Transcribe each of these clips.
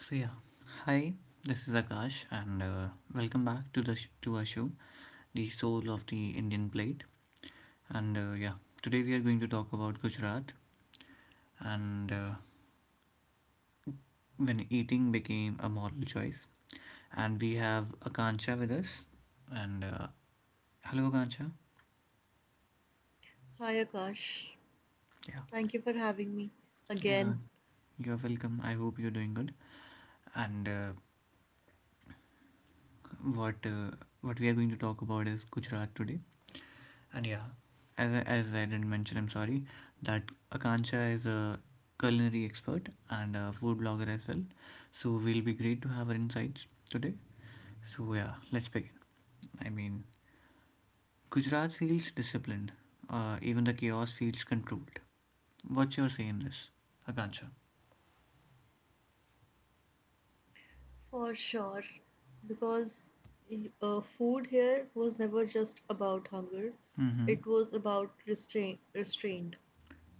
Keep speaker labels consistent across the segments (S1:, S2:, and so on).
S1: So yeah, hi. This is Akash, and welcome back to our show, the soul of the Indian plate. And today we are going to talk about Gujarat and when eating became a moral choice. And we have Akanksha with us. And hello, Akanksha.
S2: Hi Akash,
S1: Yeah,
S2: thank you for having me
S1: yeah.
S2: again.
S1: You're welcome. I hope you're doing good. And what uh, what we are going to talk about is Gujarat today. And yeah, as I didn't mention, I'm sorry, that Akanksha is a culinary expert and a food blogger as well. So we'll be great to have her insights today. So yeah, let's begin. I mean, Gujarat feels disciplined. Even the chaos feels controlled. What's your say in this, Akanksha?
S2: For sure, because food here was never just about hunger;
S1: Mm-hmm.
S2: it was about restraint,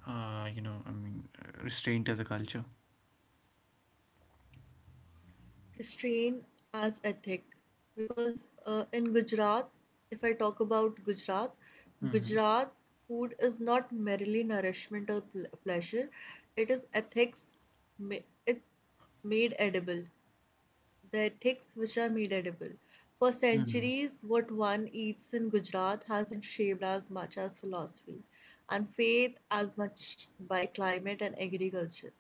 S1: Restraint as a culture.
S2: restraint as ethic. Because in Gujarat, if I talk about Gujarat,
S1: Mm-hmm.
S2: Gujarat food is not merely nourishment or pleasure; it is ethics. It made edible the ethics which are made edible. For
S1: Mm-hmm.
S2: centuries, what one eats in Gujarat has been shaped as much as philosophy and faith as much by climate and agriculture.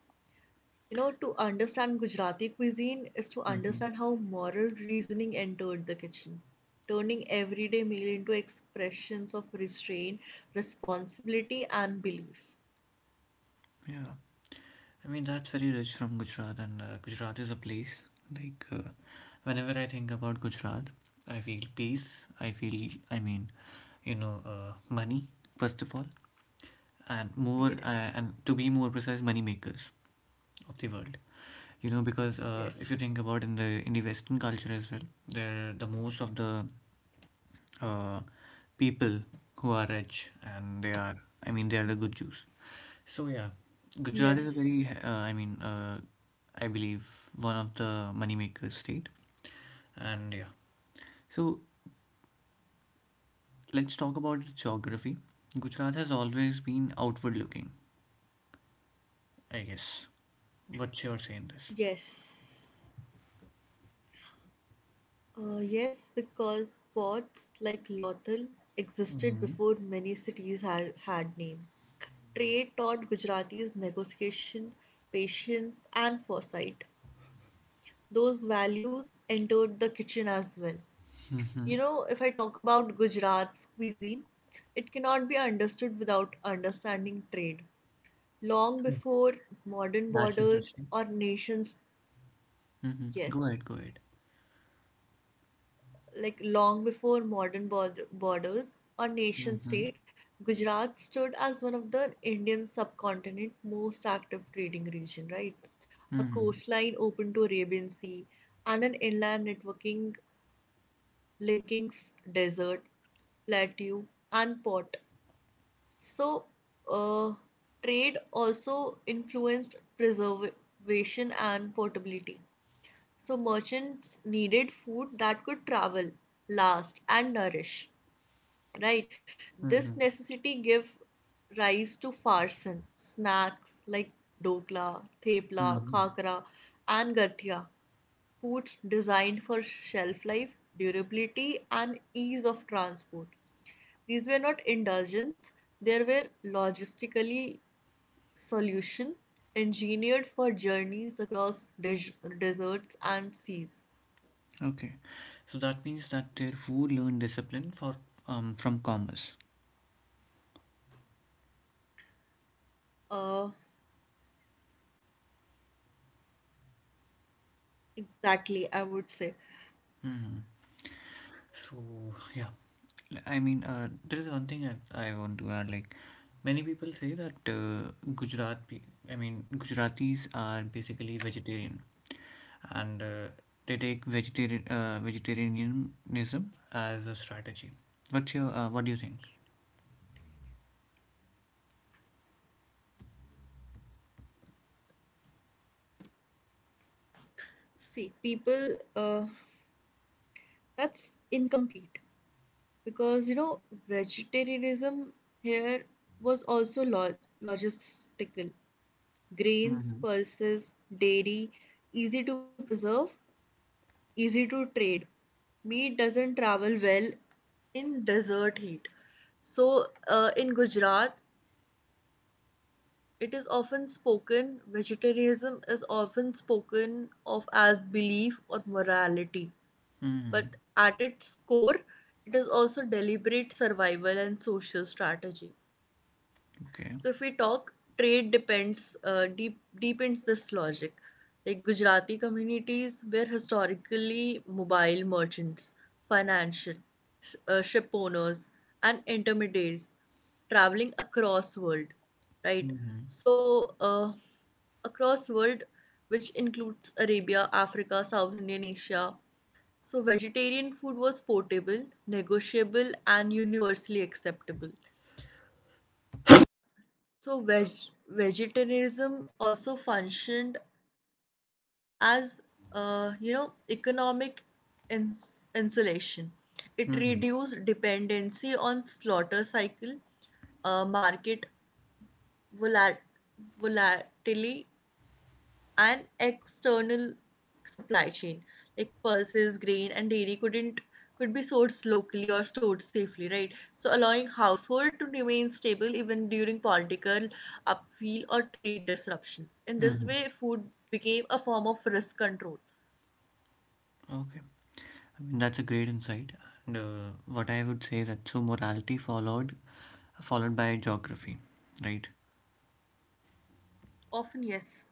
S2: You know, to understand Gujarati cuisine is to
S1: Mm-hmm.
S2: understand how moral reasoning entered the kitchen, turning everyday meal into expressions of restraint, responsibility, and belief.
S1: Yeah. I mean, that's very rich from Gujarat, and Gujarat is a place like uh, whenever I think about Gujarat, I feel peace. I feel, I mean, money first of all, and more
S2: Yes,
S1: and to be more precise, money makers of the world, you know, because if
S2: yes,
S1: you think about in the western culture as well, there the most of the uh, people who are rich, and they are the good Jews. So yeah, Gujarat is a
S2: yes,
S1: very I believe one of the money makers state. And yeah, so let's talk about its geography. Gujarat has always been outward looking, I guess. What's your say in this?
S2: yes. Yes, because ports like Lothal existed
S1: Mm-hmm.
S2: before many cities had name. Trade taught Gujaratis negotiation, patience, and foresight. Those values entered the kitchen as well.
S1: Hmm.
S2: You know, if I talk about Gujarat's cuisine, it cannot be understood without understanding trade. Long before modern
S1: That's
S2: borders
S1: interesting.
S2: or nations,
S1: Hmm. Go
S2: yes.
S1: ahead, go ahead.
S2: Like long before modern borders or nation
S1: Mm-hmm.
S2: state, Gujarat stood as one of the Indian subcontinent most active trading region, right? A
S1: Hmm.
S2: coastline open to Arabian Sea and an inland networking linking desert, plateau, and port. So, uh, trade also influenced preservation and portability. So, merchants needed food that could travel, last, and nourish, right? This
S1: Mm-hmm.
S2: necessity give rise to farsan, snacks like dokla, thepla,
S1: Hmm.
S2: khakra, and gathia, foods designed for shelf life, durability, and ease of transport. These were not indulgence; they were logistically solution engineered for journeys across deserts and seas.
S1: Okay. So that means that their food learned discipline for from commerce.
S2: Uh, exactly, I would say.
S1: Hmm. So yeah, I mean, there is one thing that I want to add. Like, many people say that I mean, Gujaratis are basically vegetarian, and they take vegetarianism as a strategy. What's your what do you think?
S2: See, people, uh, that's incomplete, because you know vegetarianism here was also logistical. Grains,
S1: Mm-hmm.
S2: pulses, dairy, easy to preserve, easy to trade. Meat doesn't travel well in desert heat. So in Gujarat, it is often spoken vegetarianism is often spoken of as belief or morality,
S1: Hmm.
S2: but at its core it is also deliberate survival and social strategy.
S1: Okay.
S2: So if we talk, trade depends deep deepens this logic. Like Gujarati communities were historically mobile merchants, financial, ship owners, and intermediaries traveling across world, right?
S1: Mm-hmm.
S2: So across world, which includes Arabia, Africa, South Indian Asia. So vegetarian food was portable, negotiable, and universally acceptable. So vegetarianism also functioned as you know, economic insulation. It
S1: Mm-hmm.
S2: reduced dependency on slaughter cycle, market volat- volatility, and external supply chain. Like pulses, grain, and dairy couldn't could be sourced locally or stored safely, right, so allowing household to remain stable even during political upheaval or trade disruption. In this
S1: Mm-hmm.
S2: way, food became a form of risk control.
S1: Okay. I mean, that's a great insight. And what I would say that so morality followed, followed by geography, right?
S2: Often yes.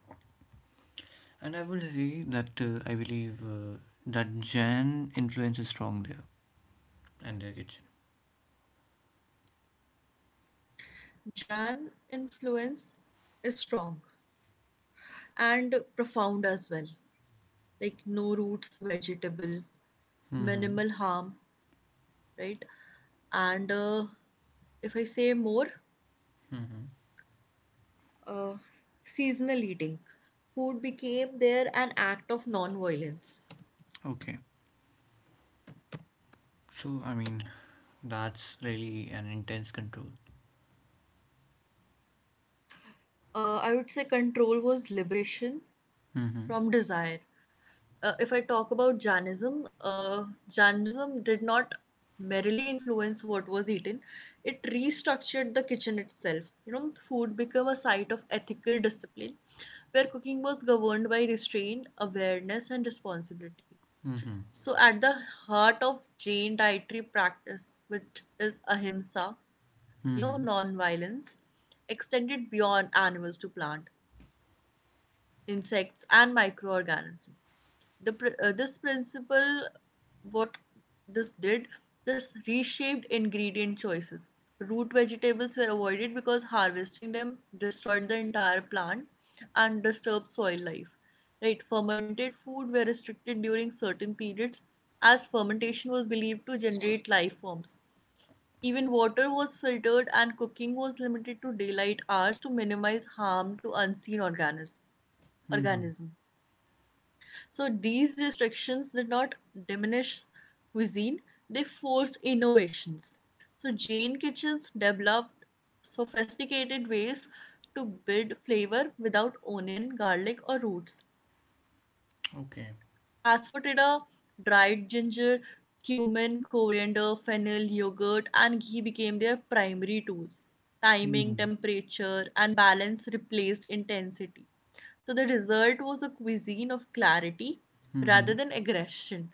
S1: And I would say that I believe that Jan influence is strong there and their kitchen.
S2: Jan influence is strong and profound as well, like no roots vegetable,
S1: Mm-hmm.
S2: minimal harm, right? And if I say more,
S1: Mm-hmm.
S2: uh, seasonal eating. Food became there an act of non-violence.
S1: Okay. So, I mean, that's really an intense control.
S2: I would say control was liberation
S1: Mm-hmm.
S2: from desire. If I talk about Jainism, Jainism did not merely influence what was eaten; it restructured the kitchen itself. You know, food became a site of ethical discipline, where cooking was governed by restraint, awareness, and responsibility.
S1: Mm-hmm.
S2: So, at the heart of Jain dietary practice, which is ahimsa, you know,
S1: Mm-hmm.
S2: non violence, extended beyond animals to plant, insects, and microorganisms. The, this principle, what this did, This reshaped ingredient choices. Root vegetables were avoided because harvesting them destroyed the entire plant and disturbed soil life. Right, fermented food were restricted during certain periods as fermentation was believed to generate life forms. Even water was filtered and cooking was limited to daylight hours to minimize harm to unseen organisms.
S1: Mm-hmm.
S2: So these restrictions did not diminish cuisine, they forced innovations. So Jain kitchens developed sophisticated ways to build flavor without onion, garlic, or roots.
S1: Okay.
S2: Asafoetida, dried ginger, cumin, coriander, fennel, yogurt, and ghee became their primary tools. Timing,
S1: Mm-hmm.
S2: temperature, and balance replaced intensity. So the result was a cuisine of clarity rather
S1: Mm-hmm.
S2: than aggression,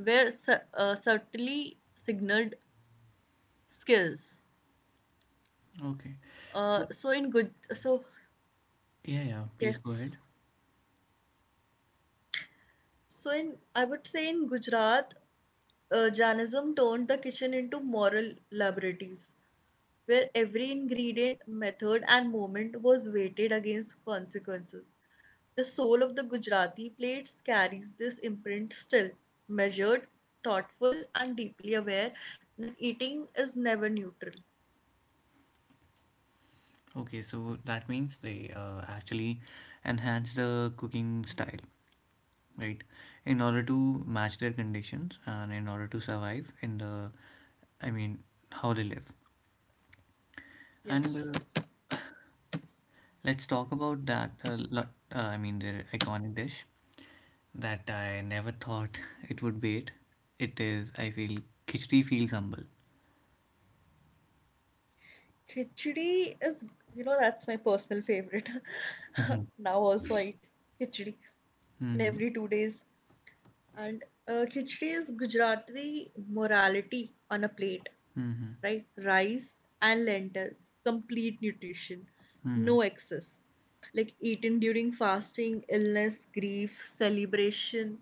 S2: were subtly signaled skills.
S1: Okay.
S2: Uh,
S1: So,
S2: so in Guj- so
S1: yeah, yeah, please go
S2: yes,
S1: ahead.
S2: so in I would say in Gujarat, Jainism turned the kitchen into moral laboratories where every ingredient, method, and moment was weighted against consequences. The soul of the Gujarati plates carries this imprint still, measured, thoughtful, and deeply aware that eating is never neutral.
S1: Okay, so that means they actually enhance the cooking style, right, in order to match their conditions and in order to survive in the, I mean, how they live. And
S2: Yes.
S1: let's talk about I mean, their iconic dish that I never thought it would be, it is I feel khichdi feels humble.
S2: Khichdi is, you know, that's my personal favorite.
S1: Mm-hmm.
S2: Now also I eat khichdi in
S1: Mm-hmm.
S2: every 2 days. And khichdi is Gujarati morality on a plate,
S1: Mm-hmm.
S2: right? Rice and lentils, complete nutrition,
S1: Mm-hmm.
S2: no excess. Like eaten during fasting, illness, grief, celebration.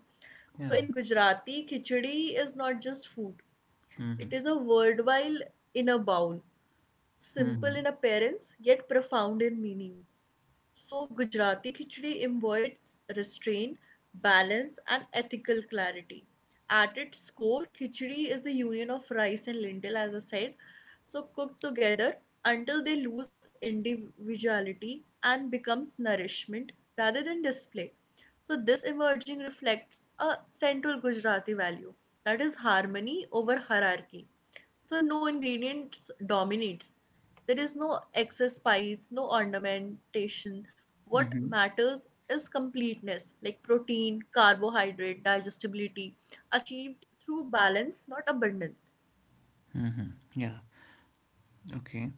S2: So
S1: Yeah.
S2: in Gujarati, khichdi is not just food.
S1: Mm-hmm.
S2: It is a worthwhile inner bowl.
S1: Mm-hmm.
S2: Simple in appearance, yet profound in meaning. So, Gujarati khichdi embodies restraint, balance, and ethical clarity. At its core, khichdi is a union of rice and lentil, as I said, so cooked together until they lose individuality and becomes nourishment rather than display. So, this emerging reflects a central Gujarati value, that is harmony over hierarchy. So, no ingredients dominates, there is no excess spice, no ornamentation. What
S1: Mm-hmm.
S2: matters is completeness, like protein, carbohydrate, digestibility, achieved through balance, not abundance.
S1: Mm-hmm. Yeah. Okay.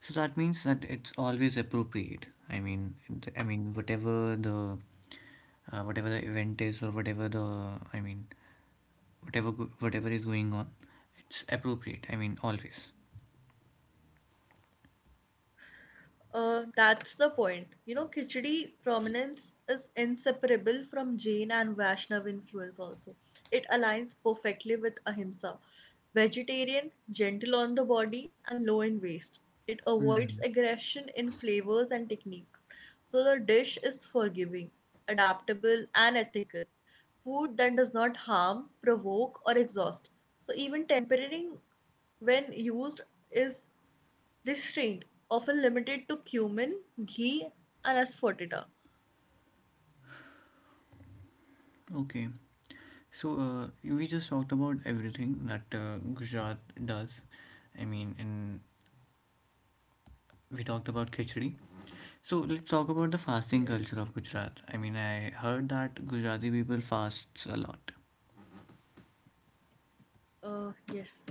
S1: So that means that it's always appropriate. I mean, I mean, whatever whatever the event is, or whatever the, I mean, whatever is going on, it's appropriate. I mean, always.
S2: That's the point. You know, Khichdi prominence is inseparable from Jain and Vaishnav influence also. It aligns perfectly with ahimsa. Vegetarian, gentle on the body, and low in waste. It avoids
S1: Hmm.
S2: aggression in flavors and techniques. So the dish is forgiving, adaptable, and ethical. Food that does not harm, provoke, or exhaust. So even tempering when used is this trade, often limited to cumin, ghee, and asphotida.
S1: Okay. So we just talked about everything that Gujarat does. I mean, and we talked about khichdi. So let's talk about the fasting
S2: Yes.
S1: culture of Gujarat. I mean, I heard that Gujarati people fasts a lot.
S2: Yes.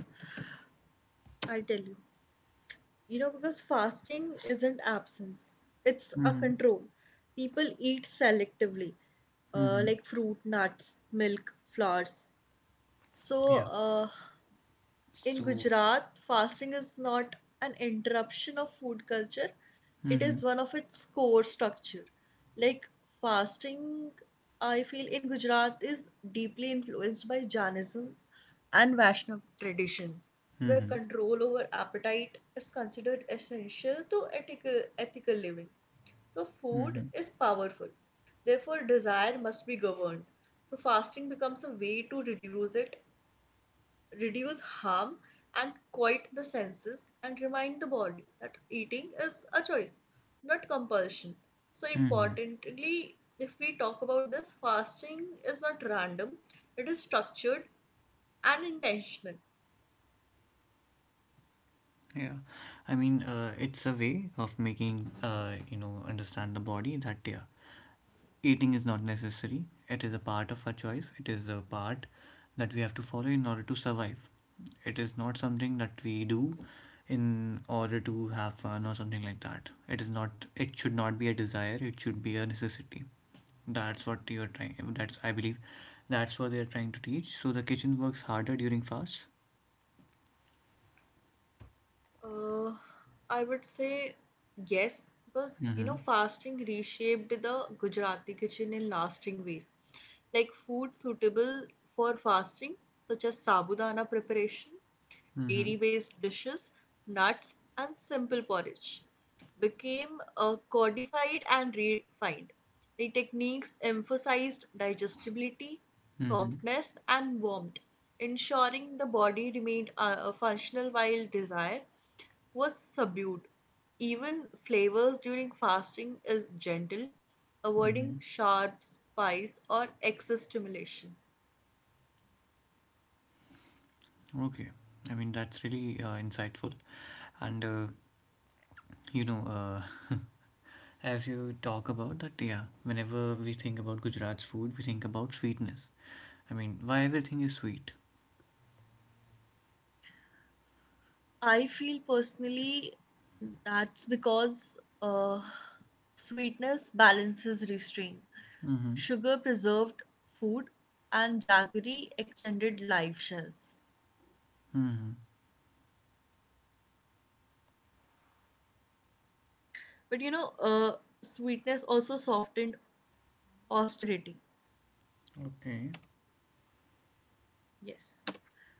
S2: I'll tell you. You know, because fasting isn't absence, it's a
S1: Mhm.
S2: control. People eat selectively,
S1: Mm-hmm.
S2: like fruit, nuts, milk, flowers. So, in
S1: So.
S2: Gujarat, fasting is not an interruption of food culture, it
S1: Mm-hmm.
S2: is one of its core structure. Like fasting, I feel in Gujarat is deeply influenced by Jainism and Vaishnav tradition, where
S1: Mm-hmm.
S2: control over appetite is considered essential to ethical living. So, food
S1: Mm-hmm.
S2: is powerful. Therefore, desire must be governed. So, fasting becomes a way to reduce harm and quiet the senses and remind the body that eating is a choice, not compulsion. So,
S1: Mm-hmm.
S2: importantly, if we talk about this, fasting is not random, it is structured and intentional.
S1: Yeah, I mean, it's a way of making, you know, understand the body that yeah, eating is not necessary. It is a part of our choice. It is a part that we have to follow in order to survive. It is not something that we do in order to have fun or something like that. It is not. It should not be a desire. It should be a necessity. That's what you're trying. That's, I believe, that's what they're trying to teach. So the kitchen works harder during fast.
S2: Uh, I would say yes, because you
S1: Mm-hmm.
S2: know, fasting reshaped the Gujarati kitchen in lasting ways, like food suitable for fasting, such as sabudana preparation,
S1: Mm-hmm.
S2: dairy based dishes, nuts, and simple porridge became codified and refined. The techniques emphasized digestibility,
S1: Mm-hmm.
S2: softness, and warmth, ensuring the body remained functional while desire was subdued. Even flavors during fasting is gentle,
S1: Mm-hmm.
S2: avoiding sharp spice or excess stimulation.
S1: Okay, I mean, that's really insightful, and you know, uh, as you talk about that, yeah, whenever we think about Gujarat's food, we think about sweetness. I mean, why everything is sweet?
S2: I feel personally that's because sweetness balances restraint.
S1: Mm-hmm.
S2: Sugar preserved food and jaggery extended life shells.
S1: Mm-hmm.
S2: But you know, sweetness also softened austerity.
S1: Okay,
S2: Yes.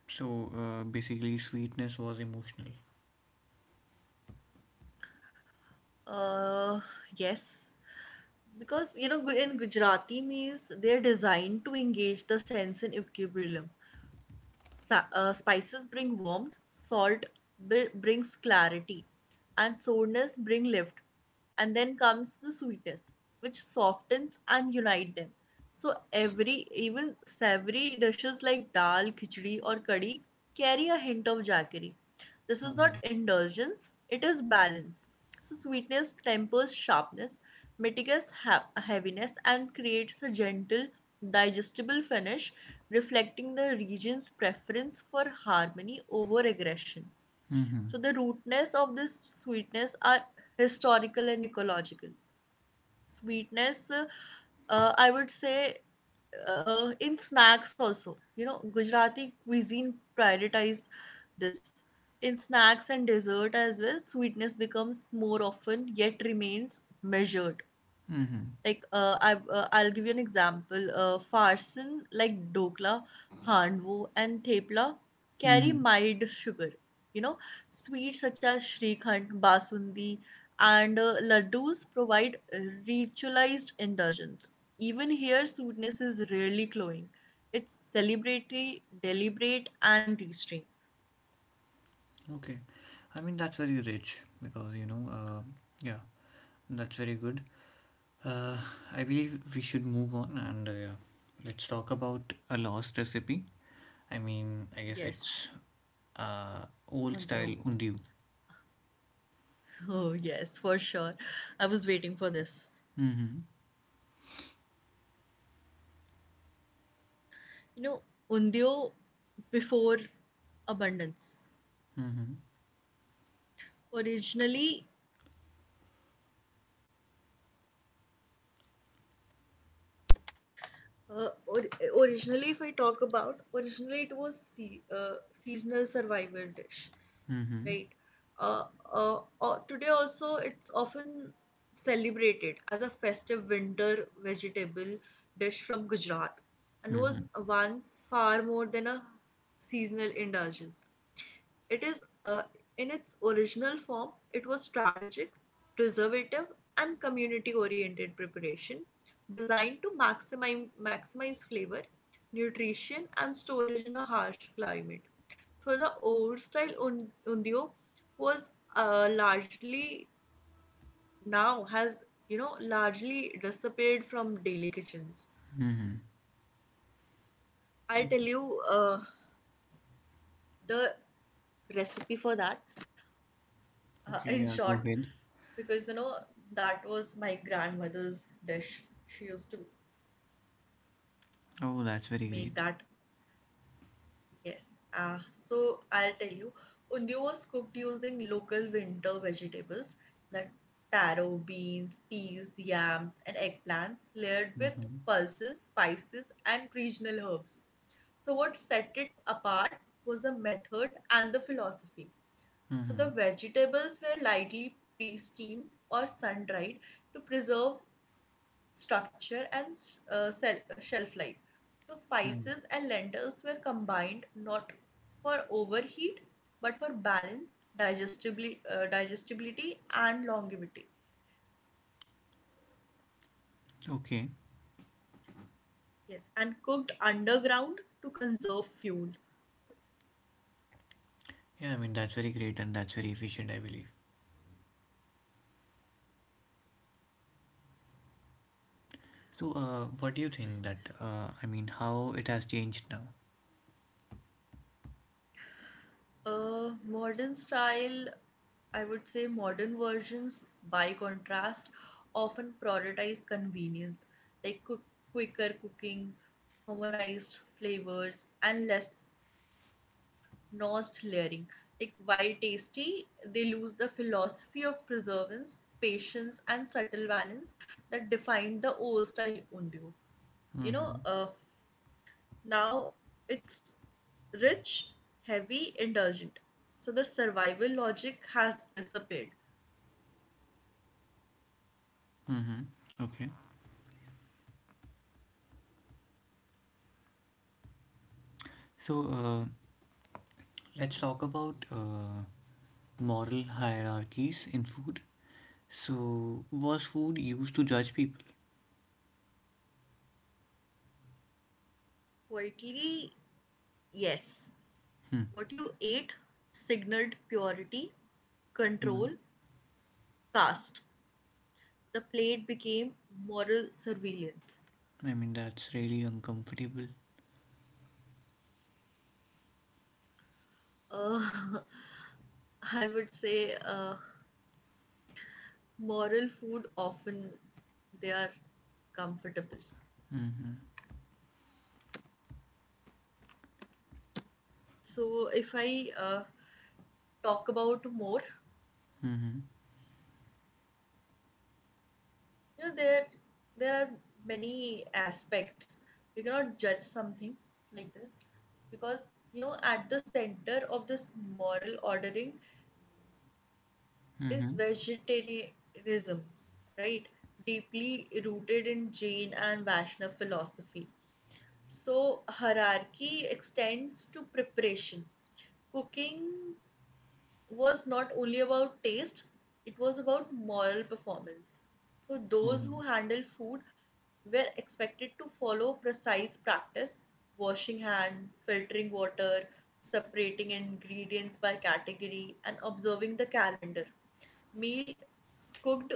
S1: so basically, sweetness was emotional.
S2: Uh, yes. Because you know, in Gujarati meals, they're designed to engage the sense in equilibrium. Spices bring warmth, salt brings clarity, and sourness bring lift. And then comes the sweetness, which softens and unite them. So every even savory dishes like dal, khichdi, or curry carry a hint of jaggery. This is
S1: Mm-hmm.
S2: not indulgence; it is balance. So sweetness tempers sharpness, mitigates heaviness, and creates a gentle, digestible finish reflecting the region's preference for harmony over aggression. So, the rootness of this sweetness are historical and ecological. Sweetness, I would say, in snacks also, you know, Gujarati cuisine prioritize this. In snacks and dessert as well, sweetness becomes more often yet remains measured,
S1: Mm-hmm.
S2: like I'll give you an example. Farsan like dokla, handvo, and thepla carry
S1: Mm-hmm.
S2: mild sugar. You know, sweets such as shrikhand, basundi, and laddus provide ritualized indulgence. Even here, sweetness is rarely cloying. It's celebratory, deliberate, and restrained.
S1: Okay, I mean, that's very rich because, you know, yeah, that's very good. Uh, I believe we should move on and yeah, let's talk about a lost recipe. I mean, I guess it's
S2: Yes,
S1: old style
S2: Mandeo.
S1: undiu.
S2: Oh yes, for sure. I was waiting for this.
S1: Mm-hmm.
S2: You know, Undyo before abundance.
S1: Mm-hmm.
S2: Originally, uh, or, originally, if I talk about, originally it was seasonal survival dish,
S1: Mm-hmm.
S2: right? Uh, Today also, it's often celebrated as a festive winter vegetable dish from Gujarat, and
S1: Mm-hmm.
S2: was once far more than a seasonal indulgence. It is in its original form, it was strategic, preservative, and community oriented preparation designed to maximize flavor, nutrition, and storage in a harsh climate. So the old style undio was largely, now has you know largely disappeared from daily kitchens.
S1: Mm-hmm.
S2: I'll tell
S1: Okay.
S2: you the recipe for that,
S1: Okay.
S2: in
S1: Yeah.
S2: short,
S1: Go ahead.
S2: because you know that was my grandmother's dish, she used to
S1: Oh, that's very
S2: make
S1: great.
S2: that. Yes, uh, so I'll tell you, undi was cooked using local winter vegetables, the taro, beans, peas, yams, and eggplants, layered with
S1: Mm-hmm.
S2: pulses, spices, and regional herbs. So what set it apart was the method and the philosophy. So the
S1: Mm-hmm.
S2: vegetables were lightly pre-steamed or sun-dried to preserve structure and uh, shelf life. So
S1: Mm.
S2: spices and lentils were combined not for overheat but for balance, digestibility, and longevity.
S1: Okay.
S2: Yes, and cooked underground to conserve fuel.
S1: Yeah. I mean, that's very great and that's very efficient, I believe. So, what do you think that, I mean, how it has changed now?
S2: Modern style, I would say modern versions, by contrast, often prioritize convenience, like quick, quicker cooking, harmonized flavors, and less nuanced layering. Like while tasty, they lose the philosophy of preservance, patience, and subtle balance that defined the old style undu. You
S1: Mm-hmm.
S2: know, uh, Now it's rich, heavy, indulgent. So the survival logic has disappeared.
S1: Mm-hmm. Okay. So, let's talk about moral hierarchies in food. So, was food used to judge people?
S2: Quietly, yes.
S1: Hmm.
S2: What you ate signaled purity,
S1: Mm.
S2: control, caste. The plate became moral surveillance.
S1: I mean, that's really uncomfortable.
S2: Uh, I would say moral food often they are comfortable.
S1: Mm-hmm.
S2: So if I talk about more,
S1: Mm-hmm.
S2: you know there are many aspects you cannot judge something like this because you know at the center of this moral ordering is
S1: Mm-hmm.
S2: vegetarianism, right, deeply rooted in Jain and Vaishnava philosophy. So hierarchy extends to preparation. Cooking was not only about taste, it was about moral performance. So, those
S1: Mm-hmm.
S2: who handled food were expected to follow precise practice: washing hand, filtering water, separating ingredients by category, and observing the calendar. Meals cooked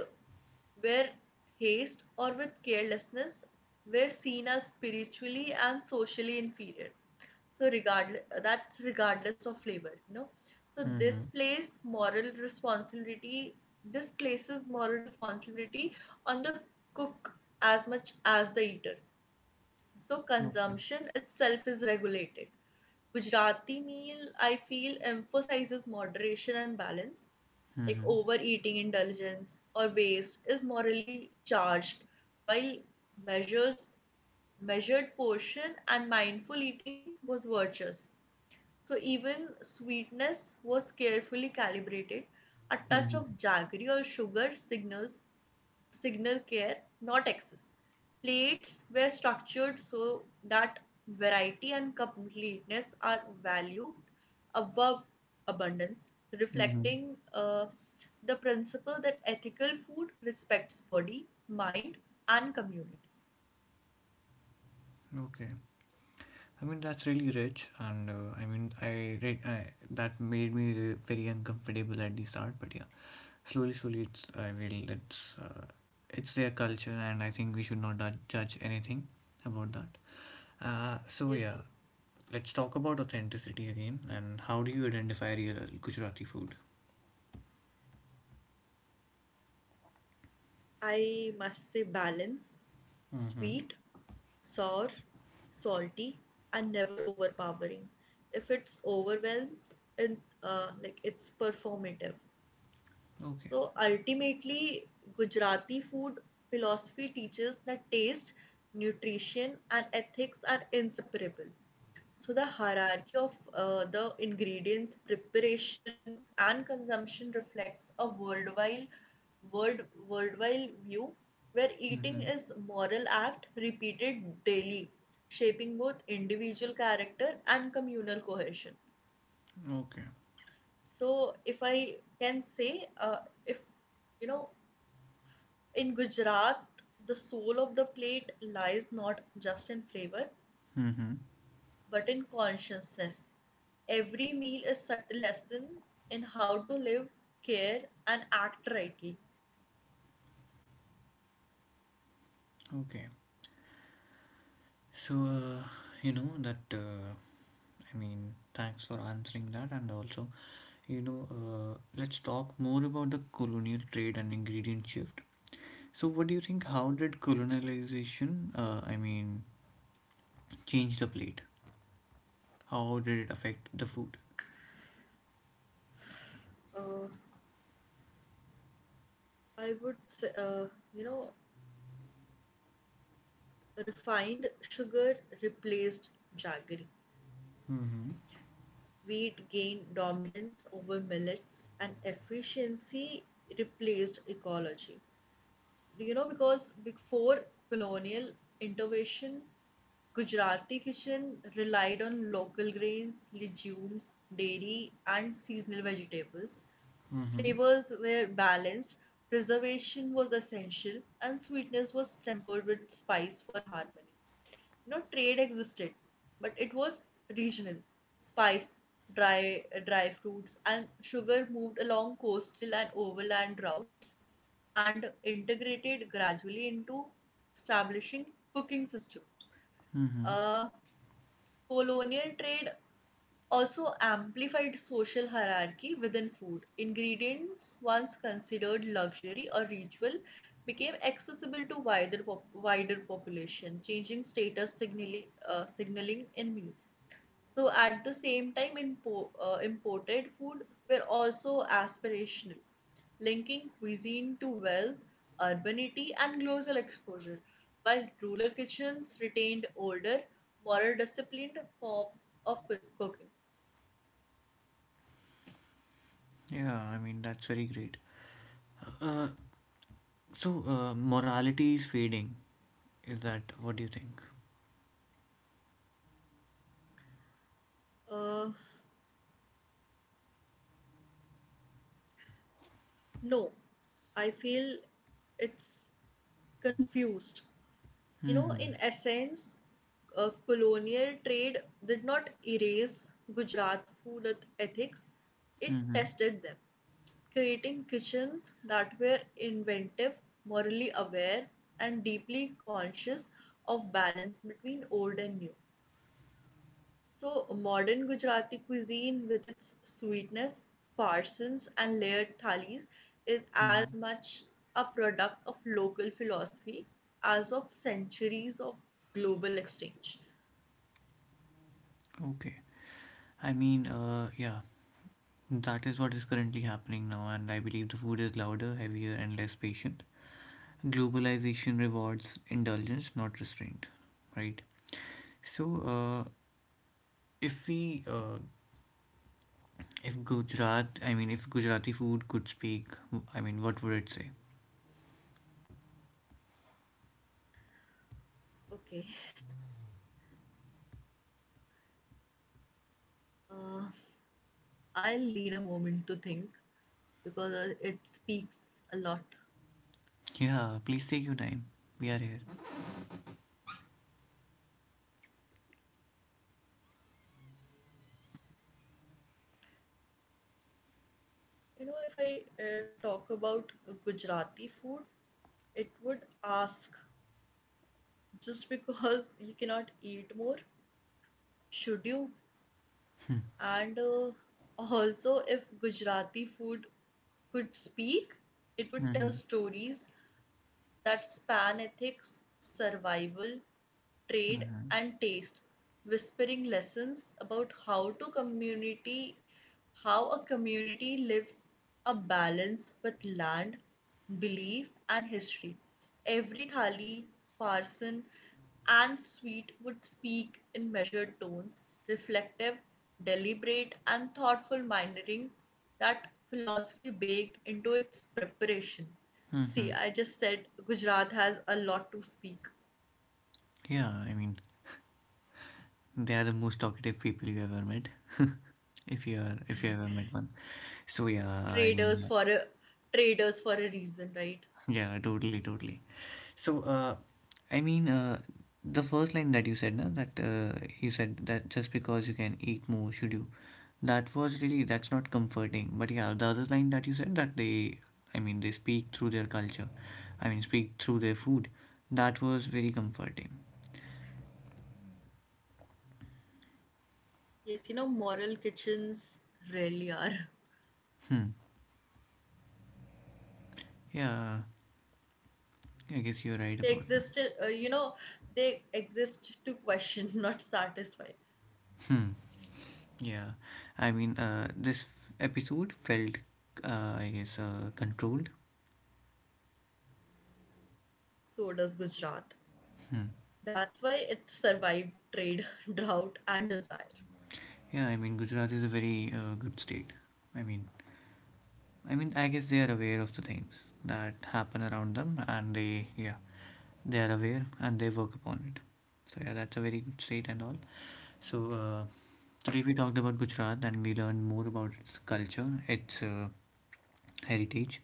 S2: were haste or with carelessness were seen as spiritually and socially inferior. So regardless, that's regardless of flavor. So this
S1: Mm-hmm.
S2: plays moral responsibility. This places moral responsibility on the cook as much as the eater. So
S1: Okay.
S2: consumption itself is regulated. Gujarati meal, I feel, emphasizes moderation and balance. Like
S1: Mm-hmm.
S2: overeating, indulgence, or waste is morally charged, while measures, measured portion and mindful eating was virtuous. So even sweetness was carefully calibrated. A touch
S1: Mm-hmm.
S2: of jaggery or sugar signal care, not excess. Plates were structured so that variety and completeness are valued above abundance,
S1: Mm-hmm.
S2: reflecting the principle that ethical food respects body, mind, and community.
S1: Okay. I mean, that's really rich, and I mean, I, re- I that made me very uncomfortable at the start, but yeah, slowly, slowly, it's their culture, and I think we should not judge anything about that. So
S2: Yes,
S1: yeah, let's talk about authenticity again, and how do you identify real Gujarati food?
S2: I must say balance,
S1: Mm-hmm.
S2: sweet, sour, salty, and never overpowering. If it's overwhelms, it, like it's performative.
S1: Okay.
S2: So ultimately, Gujarati food philosophy teaches that taste, nutrition, and ethics are inseparable. So the hierarchy of the ingredients, preparation, and consumption reflects a world, worldwide view where eating
S1: Mm-hmm.
S2: is moral act repeated daily, shaping both individual character and communal cohesion.
S1: Okay.
S2: So if I can say, if you know, in Gujarat, the soul of the plate lies not just in flavor,
S1: Mm-hmm.
S2: but in consciousness. Every meal is a subtle lesson in how to live, care, and act rightly.
S1: Okay. So you know that I mean, thanks for answering that, and also, you know, let's talk more about the colonial trade and ingredient shift. So, what do you think? How did colonialization? I mean, change the plate? How did it affect the food?
S2: Uh, I would say, you know, refined sugar replaced jaggery.
S1: Mm-hmm.
S2: Wheat gained dominance over millets, and efficiency replaced ecology. You know, because before colonial intervention, Gujarati kitchen relied on local grains, legumes, dairy, and seasonal vegetables.
S1: Mm-hmm.
S2: Flavors were balanced, preservation was essential, and sweetness was tempered with spice for harmony. You know, trade existed, but it was regional. Spice, dry fruits and sugar moved along coastal and overland routes and integrated gradually into establishing cooking system.
S1: Mm-hmm.
S2: uh, Colonial trade also amplified social hierarchy within food. Ingredients once considered luxury or ritual became accessible to wider population, changing status signaling in meals. So at the same time, imported food were also aspirational, linking cuisine to wealth, urbanity, and global exposure. While rural kitchens retained older, more disciplined form of cooking.
S1: Yeah, I mean, that's very great. Uh, Morality is fading. Is that what do you think?
S2: Uh, no, I feel it's confused. You know,
S1: Mm-hmm.
S2: in essence, colonial trade did not erase Gujarat food ethics, it
S1: Mm-hmm.
S2: tested them, creating kitchens that were inventive, morally aware, and deeply conscious of balance between old and new. So, modern Gujarati cuisine, with its sweetness, farsans, and layered thalis, is
S1: Mm-hmm.
S2: as much a product of local philosophy as of centuries of global exchange.
S1: Okay. I mean, yeah, that is what is currently happening now, and I believe the food is louder, heavier, and less patient. Globalization rewards indulgence, not restraint, right? So uh, if we uh, if Gujarat, I mean, if Gujarati food could speak, I mean, what would it say?
S2: Okay, uh, I'll need a moment to think because it speaks a lot.
S1: Yeah, please take your time. We are here.
S2: You know, if I talk about Gujarati food, it would ask, just because you cannot eat more, should you? And also, if Gujarati food could speak, it would tell
S1: Mm-hmm.
S2: stories that span ethics, survival, trade,
S1: Mm-hmm.
S2: and taste, whispering lessons about how a community lives a balance with land, belief, and history. Every thali, farsan, and sweet would speak in measured tones, reflective, deliberate, and thoughtful minding that philosophy baked into its preparation. See,
S1: Mm-hmm.
S2: I just said Gujarat has a lot to speak.
S1: Yeah, I mean, they are the most talkative people you ever met. If you are, if you ever met one. So yeah, I
S2: Traders
S1: mean,
S2: for a Traders for a reason, right?
S1: yeah, totally, totally. So, I mean, the first line that you said, na, that you said that just because you can eat more, should you? That was really, that's not comforting. But yeah, the other line that you said, that they, I mean, they speak through their culture, I mean, speak through their food, that was very comforting.
S2: Yes, you know, moral kitchens really are.
S1: Hmm. Yeah, I guess you're right
S2: They
S1: about that.
S2: existed, they exist to question, not satisfy.
S1: Hmm. Yeah, I mean, episode felt, I guess, controlled.
S2: So does Gujarat.
S1: Hmm.
S2: That's why it survived trade, drought, and desire.
S1: Yeah, I mean, Gujarat is a very good state. I mean, I mean, I guess they are aware of the things that happen around them, and they, yeah, they are aware and they work upon it. So yeah, that's a very good state and all. So today we talked about Gujarat and we learned more about its culture, its heritage,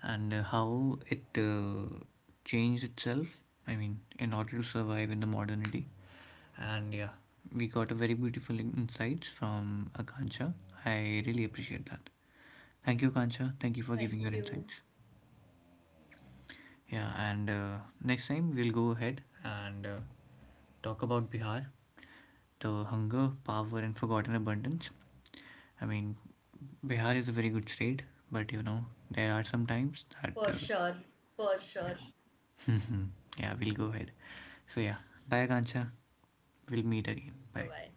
S1: and how it changed itself. I mean, in order to survive in the modernity. And yeah, we got a very beautiful insights from Akansha. I really appreciate that. Thank you, Akansha. Thank you for giving
S2: Thank
S1: your
S2: you.
S1: insights. Yeah, and next time we'll go ahead and talk about Bihar, the hunger, power, and forgotten abundance. I mean, Bihar is a very good state, but you know, there are some times that,
S2: For sure. For sure.
S1: yeah, we'll go ahead. So, yeah, bye, Akansha. We'll meet again.
S2: Bye
S1: Bye.
S2: bye.